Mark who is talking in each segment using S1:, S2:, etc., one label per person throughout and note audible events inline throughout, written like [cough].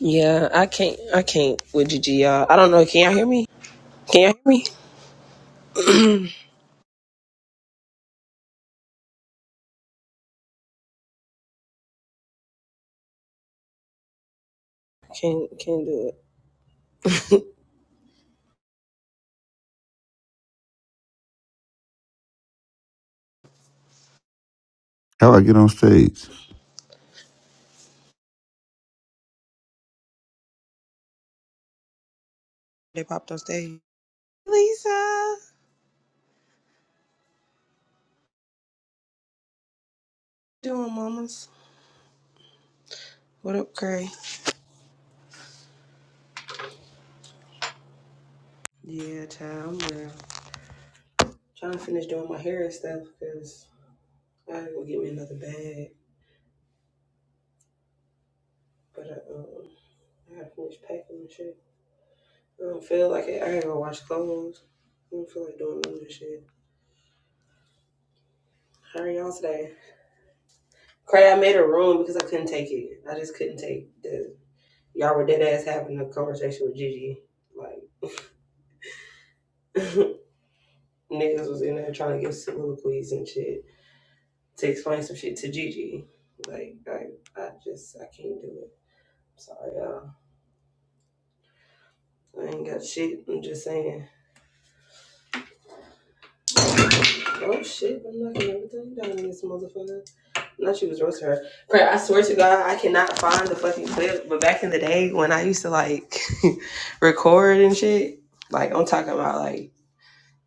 S1: Yeah, I can't. I can't with Gigi, y'all. I don't know. Can y'all hear me? Can y'all hear me? Can't. Can't do it.
S2: How I get on stage?
S1: They popped on stage. Lisa, doing mamas. What up, Cray? Yeah, child. I'm real. Trying to finish doing my hair and stuff because I gotta go get me another bag. But I, um, I gotta finish packing and shit. I don't feel like it. I gotta go wash clothes. I don't feel like doing none of this shit. How are y'all today? Cray, I made a room because I couldn't take it. I just couldn't take the Y'all were dead ass having a conversation with Gigi. Like [laughs] niggas was in there trying to give soliloquies and shit to explain some shit to Gigi. Like I, I just I can't do it. Sorry, y'all. I ain't got shit. I'm just saying. Oh shit! I'm knocking everything down in this motherfucker. Not she was roasting her. Crap! I swear to God, I cannot find the fucking clip. But back in the day when I used to like [laughs] record and shit, like I'm talking about like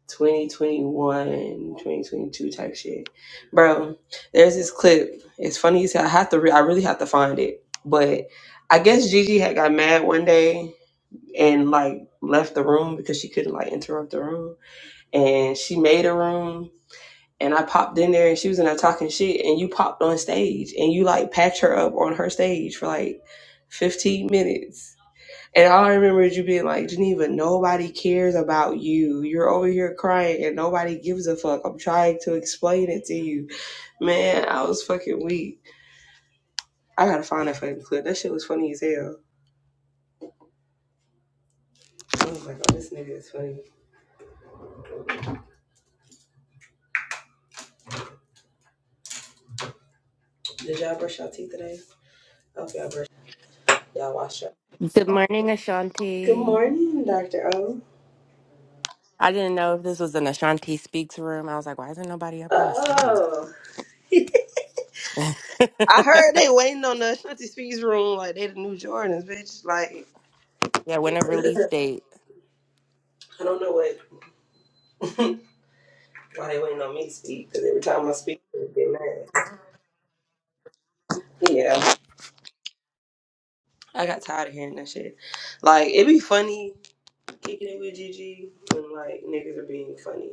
S1: 2021, 2022 type shit. Bro, there's this clip. It's funny as hell. I have to re- I really have to find it. But I guess Gigi had got mad one day and like left the room because she couldn't like interrupt the room. And she made a room and I popped in there and she was in there talking shit and you popped on stage and you like patched her up on her stage for like 15 minutes and all I remember is you being like, Geneva, nobody cares about you. You're over here crying and nobody gives a fuck. I'm trying to explain it to you. Man, I was fucking weak. I gotta find that fucking clip. That shit was funny as hell. Oh my god, this nigga is funny. Did y'all brush y'all teeth today? Okay, I hope y'all brush y'all wash up.
S3: Good morning,
S1: Good
S3: Ashanti.
S1: morning, Dr. O.
S3: I didn't know if this was an Ashanti Speaks room. I was like, why isn't nobody up on the stage?
S1: Oh. [laughs] I heard they waiting on the Shanti Speaks room like they the new Jordans, bitch. Like
S3: [laughs] yeah, when a release date.
S1: I don't know what [laughs] why they waiting on me to speak, because every time I speak, they get mad. Yeah, I got tired of hearing that shit. Like, it be funny kicking it with Gigi when, like, niggas are being funny.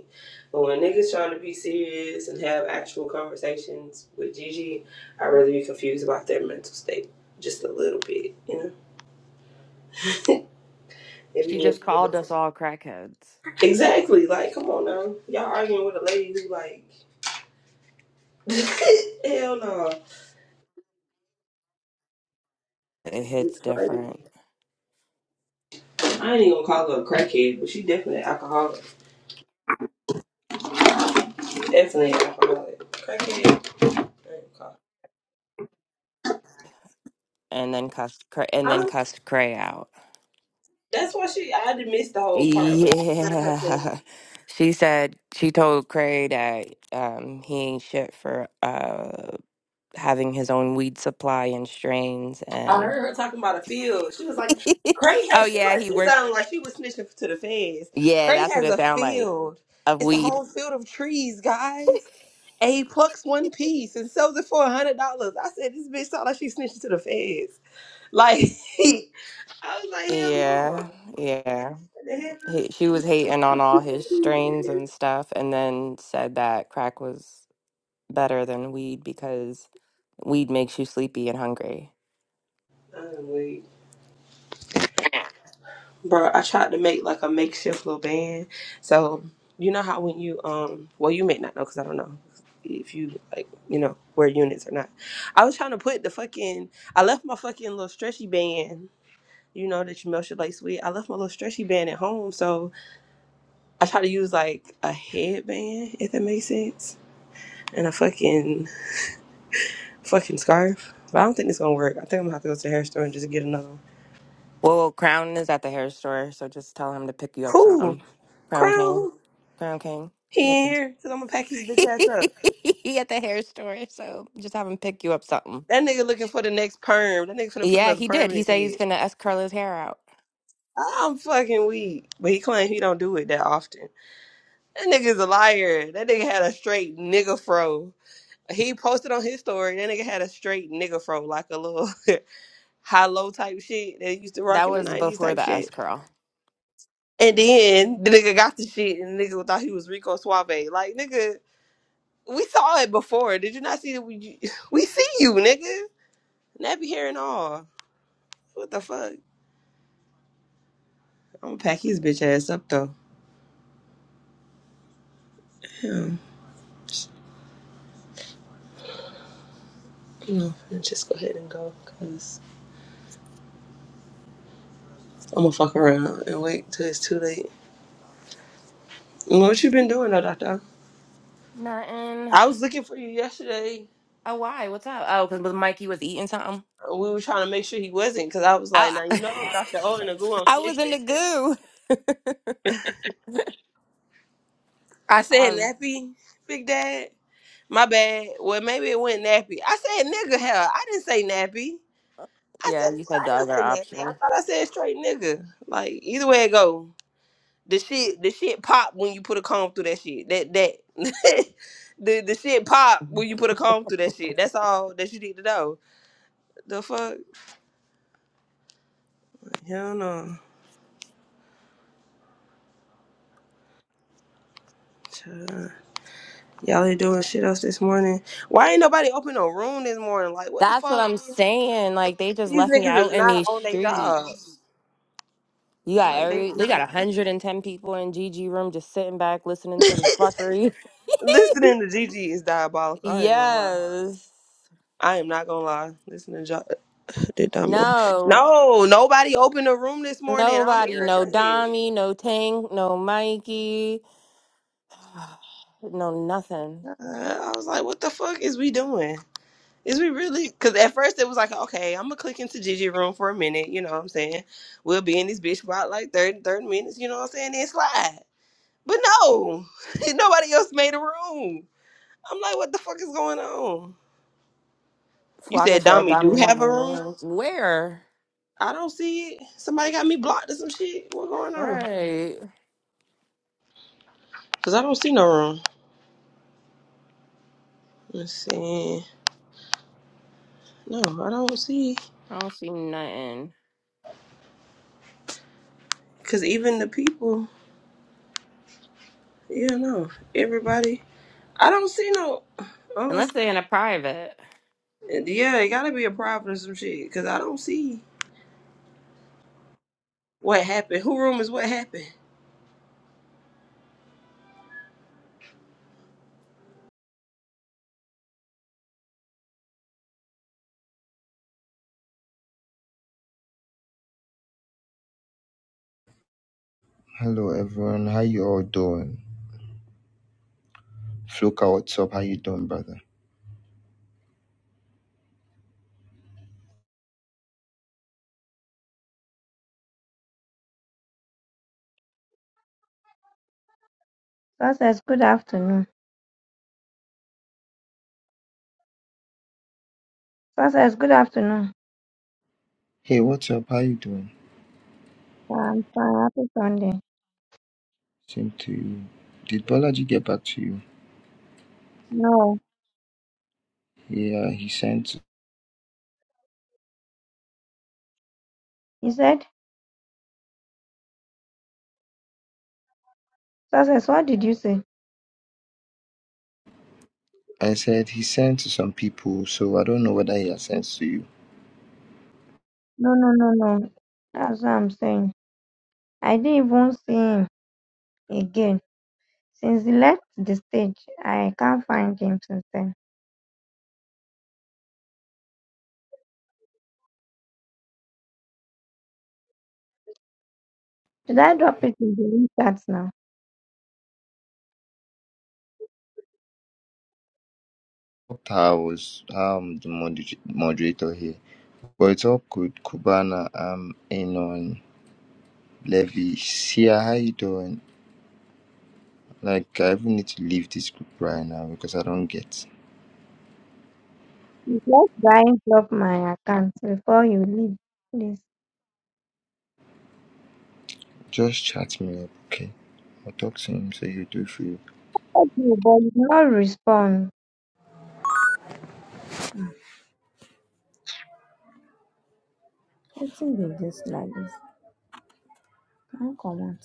S1: But when niggas trying to be serious and have actual conversations with Gigi, I'd rather be confused about their mental state just a little bit, you know? [laughs] It
S3: She just called us
S1: be-
S3: all crackheads.
S1: exactly. Like, come on now. Y'all arguing with a lady who, like, [laughs] hell no.
S3: It hits
S1: It's crazy.
S3: different.
S1: I ain't even gonna call her a crackhead, but she definitely an alcoholic. Definitely an alcoholic. Crackhead. I ain't gonna call her.
S3: And then cussed Cra- and then
S1: Huh?
S3: cussed Cray out.
S1: That's why she. I didn't miss the whole part, but I heard her. saying-
S3: Yeah. [laughs] She said she told Cray that um, he ain't shit for uh, having his own weed supply and strains.
S1: I
S3: And
S1: heard her talking about a field. She was like,
S3: [laughs]
S1: "Cray
S3: oh
S1: has." She
S3: yeah,
S1: like
S3: he
S1: she
S3: worked.
S1: sounded like she was snitching to the feds.
S3: Yeah,
S1: Cray
S3: that's what
S1: has
S3: it
S1: a
S3: sound like
S1: field.
S3: of
S1: It's a
S3: weed.
S1: whole field of trees, guys. And he plucks one piece and sells it for a hundred dollars. I said this bitch sound like she snitching to the feds. Like [laughs] I was like, hell no.
S3: Yeah, yeah.
S1: What the hell?
S3: He, she was hating on all his strains and stuff, and then said that crack was better than weed because weed makes you sleepy and hungry.
S1: Oh, wait. bro i tried to make like a makeshift little band so you know how when you um well you may not know because i don't know if you like you know wear units or not i was trying to put the fucking i left my fucking little stretchy band you know that you melt your lace with i left my little stretchy band at home so i tried to use like a headband if that makes sense and a fucking fucking scarf but i don't think it's gonna work i think i'm gonna have to go to the hair store and just get another one
S3: Well, well, Crown is at the hair store, so just tell him to pick you up
S1: cool
S3: something. Crown King.
S1: crown
S3: Crown King. He at the,
S1: here because i'm gonna pack his bitch ass up
S3: [laughs] he at the hair store, so just have him pick you up something.
S1: That nigga looking for the next perm. That nigga finna put
S3: Yeah,
S1: another
S3: he
S1: perm
S3: did.
S1: in
S3: He
S1: his
S3: said he's
S1: head.
S3: finna S curl his hair out.
S1: I'm fucking weak. But he claims he don't do it that often. That nigga's a liar. That nigga had a straight nigga fro. He posted on his story, that nigga had a straight nigga fro, like a little [laughs] high low type shit that he used to rock
S3: That
S1: in the
S3: was
S1: 90s
S3: before
S1: type
S3: the S
S1: shit.
S3: curl.
S1: And then the nigga got the shit and the nigga thought he was Rico Suave. Like, nigga, we saw it before. Did you not see that we, [laughs] we see you, nigga? Nappy hair and all. What the fuck? I'm gonna pack his bitch ass up though. Yeah, no. let's just go ahead and go, cause I'm gonna fuck around and wait till it's too late. What you been doing though, Doctor?
S3: Nothing.
S1: I was looking for you yesterday.
S3: Oh, why? What's up? Oh, because Mikey was eating something.
S1: Uh, We were trying to make sure he wasn't, cause I was like,
S3: I,
S1: now you know,
S3: I
S1: Doctor O and the goo on
S3: [laughs] I was in
S1: snitching.
S3: the goo.
S1: I
S3: [laughs] I
S1: said nappy, big dad. My bad. Well, maybe it went nappy. I said nigga. Hell, I didn't say nappy. I
S3: yeah,
S1: said
S3: you said
S1: I
S3: the other
S1: didn't say nappy. I
S3: option.
S1: thought I said straight nigga. Like either way it go. the shit the shit pop when you put a comb through that shit. That that [laughs] the the shit pop
S3: [laughs]
S1: when you put a comb through that shit. That's all that you need to know. The fuck? Hell no. Child. Y'all ain't doing shit else this morning. Why ain't nobody open no room this morning? Like what the
S3: That's what
S1: fuck?
S3: I'm saying. Like, they just
S1: These
S3: left me
S1: niggas
S3: out
S1: is
S3: in
S1: not
S3: these
S1: on their job.
S3: streets. You got
S1: Like they
S3: every they got
S1: not
S3: 110 people in GG room just sitting back listening to the fuckery.
S1: listening to Gigi is
S3: [laughs]
S1: diabolical. I ain't gonna lie.
S3: yes.
S1: I am not gonna lie. Listen to jo- [laughs] did I move?
S3: No.
S1: No, nobody opened the room this morning. I'm
S3: Nobody. No
S1: irritated.
S3: Dami, no Tank, no Mikey, no nothing.
S1: Uh, I was like, what the fuck is we doing? Is we really? Because at first it was like, okay, I'm going to click into Gigi room for a minute. You know what I'm saying? We'll be in this bitch for about like 30, 30 minutes. You know what I'm saying? Then slide. But no, [laughs] nobody else made a room. I'm like, what the fuck is going on? You
S3: Flocker
S1: said
S3: said
S1: Dommy do
S3: Dami
S1: have a
S3: having
S1: room?
S3: room. Where?
S1: I don't see it. Somebody got me blocked or some shit. What going on?
S3: Right.
S1: Because I don't see no room. Let's see. No, I don't see.
S3: I don't see nothing.
S1: Because even the people, yeah, no. Everybody. I don't see no unless
S3: Unless they're in a private.
S1: yeah, it gotta be a problem or some shit. Cause I don't see what happened. Who room is what happened?
S4: Hello everyone, how you all doing? Floka, what's up? How you doing, brother?
S5: Sir says good afternoon. Sir says good afternoon.
S4: Hey, what's up? How you doing?
S5: Yeah, I'm fine. Happy Sunday.
S4: Same to you. Did Bolaji get back to you?
S5: No.
S4: Yeah, he sent.
S5: He said, Sir says, what did you say?
S4: I said he sent to some people, so I don't know whether he has sent to you.
S5: No, no, no, no. That's what I'm saying. I didn't even see him again. Since he left the stage, I can't find him since then. Should I drop it in the link chat now?
S4: I was um the moder- moderator here, but it's all good. Kubana, um, Anon, Levy, Sia, how you doing? Like I even need to leave this group right now because I don't get.
S5: Just us try and drop my account before you leave, please.
S4: Just chat me up, okay? I'll talk to him so you do free.
S5: Okay, but you no respond. What is this like this? Come on.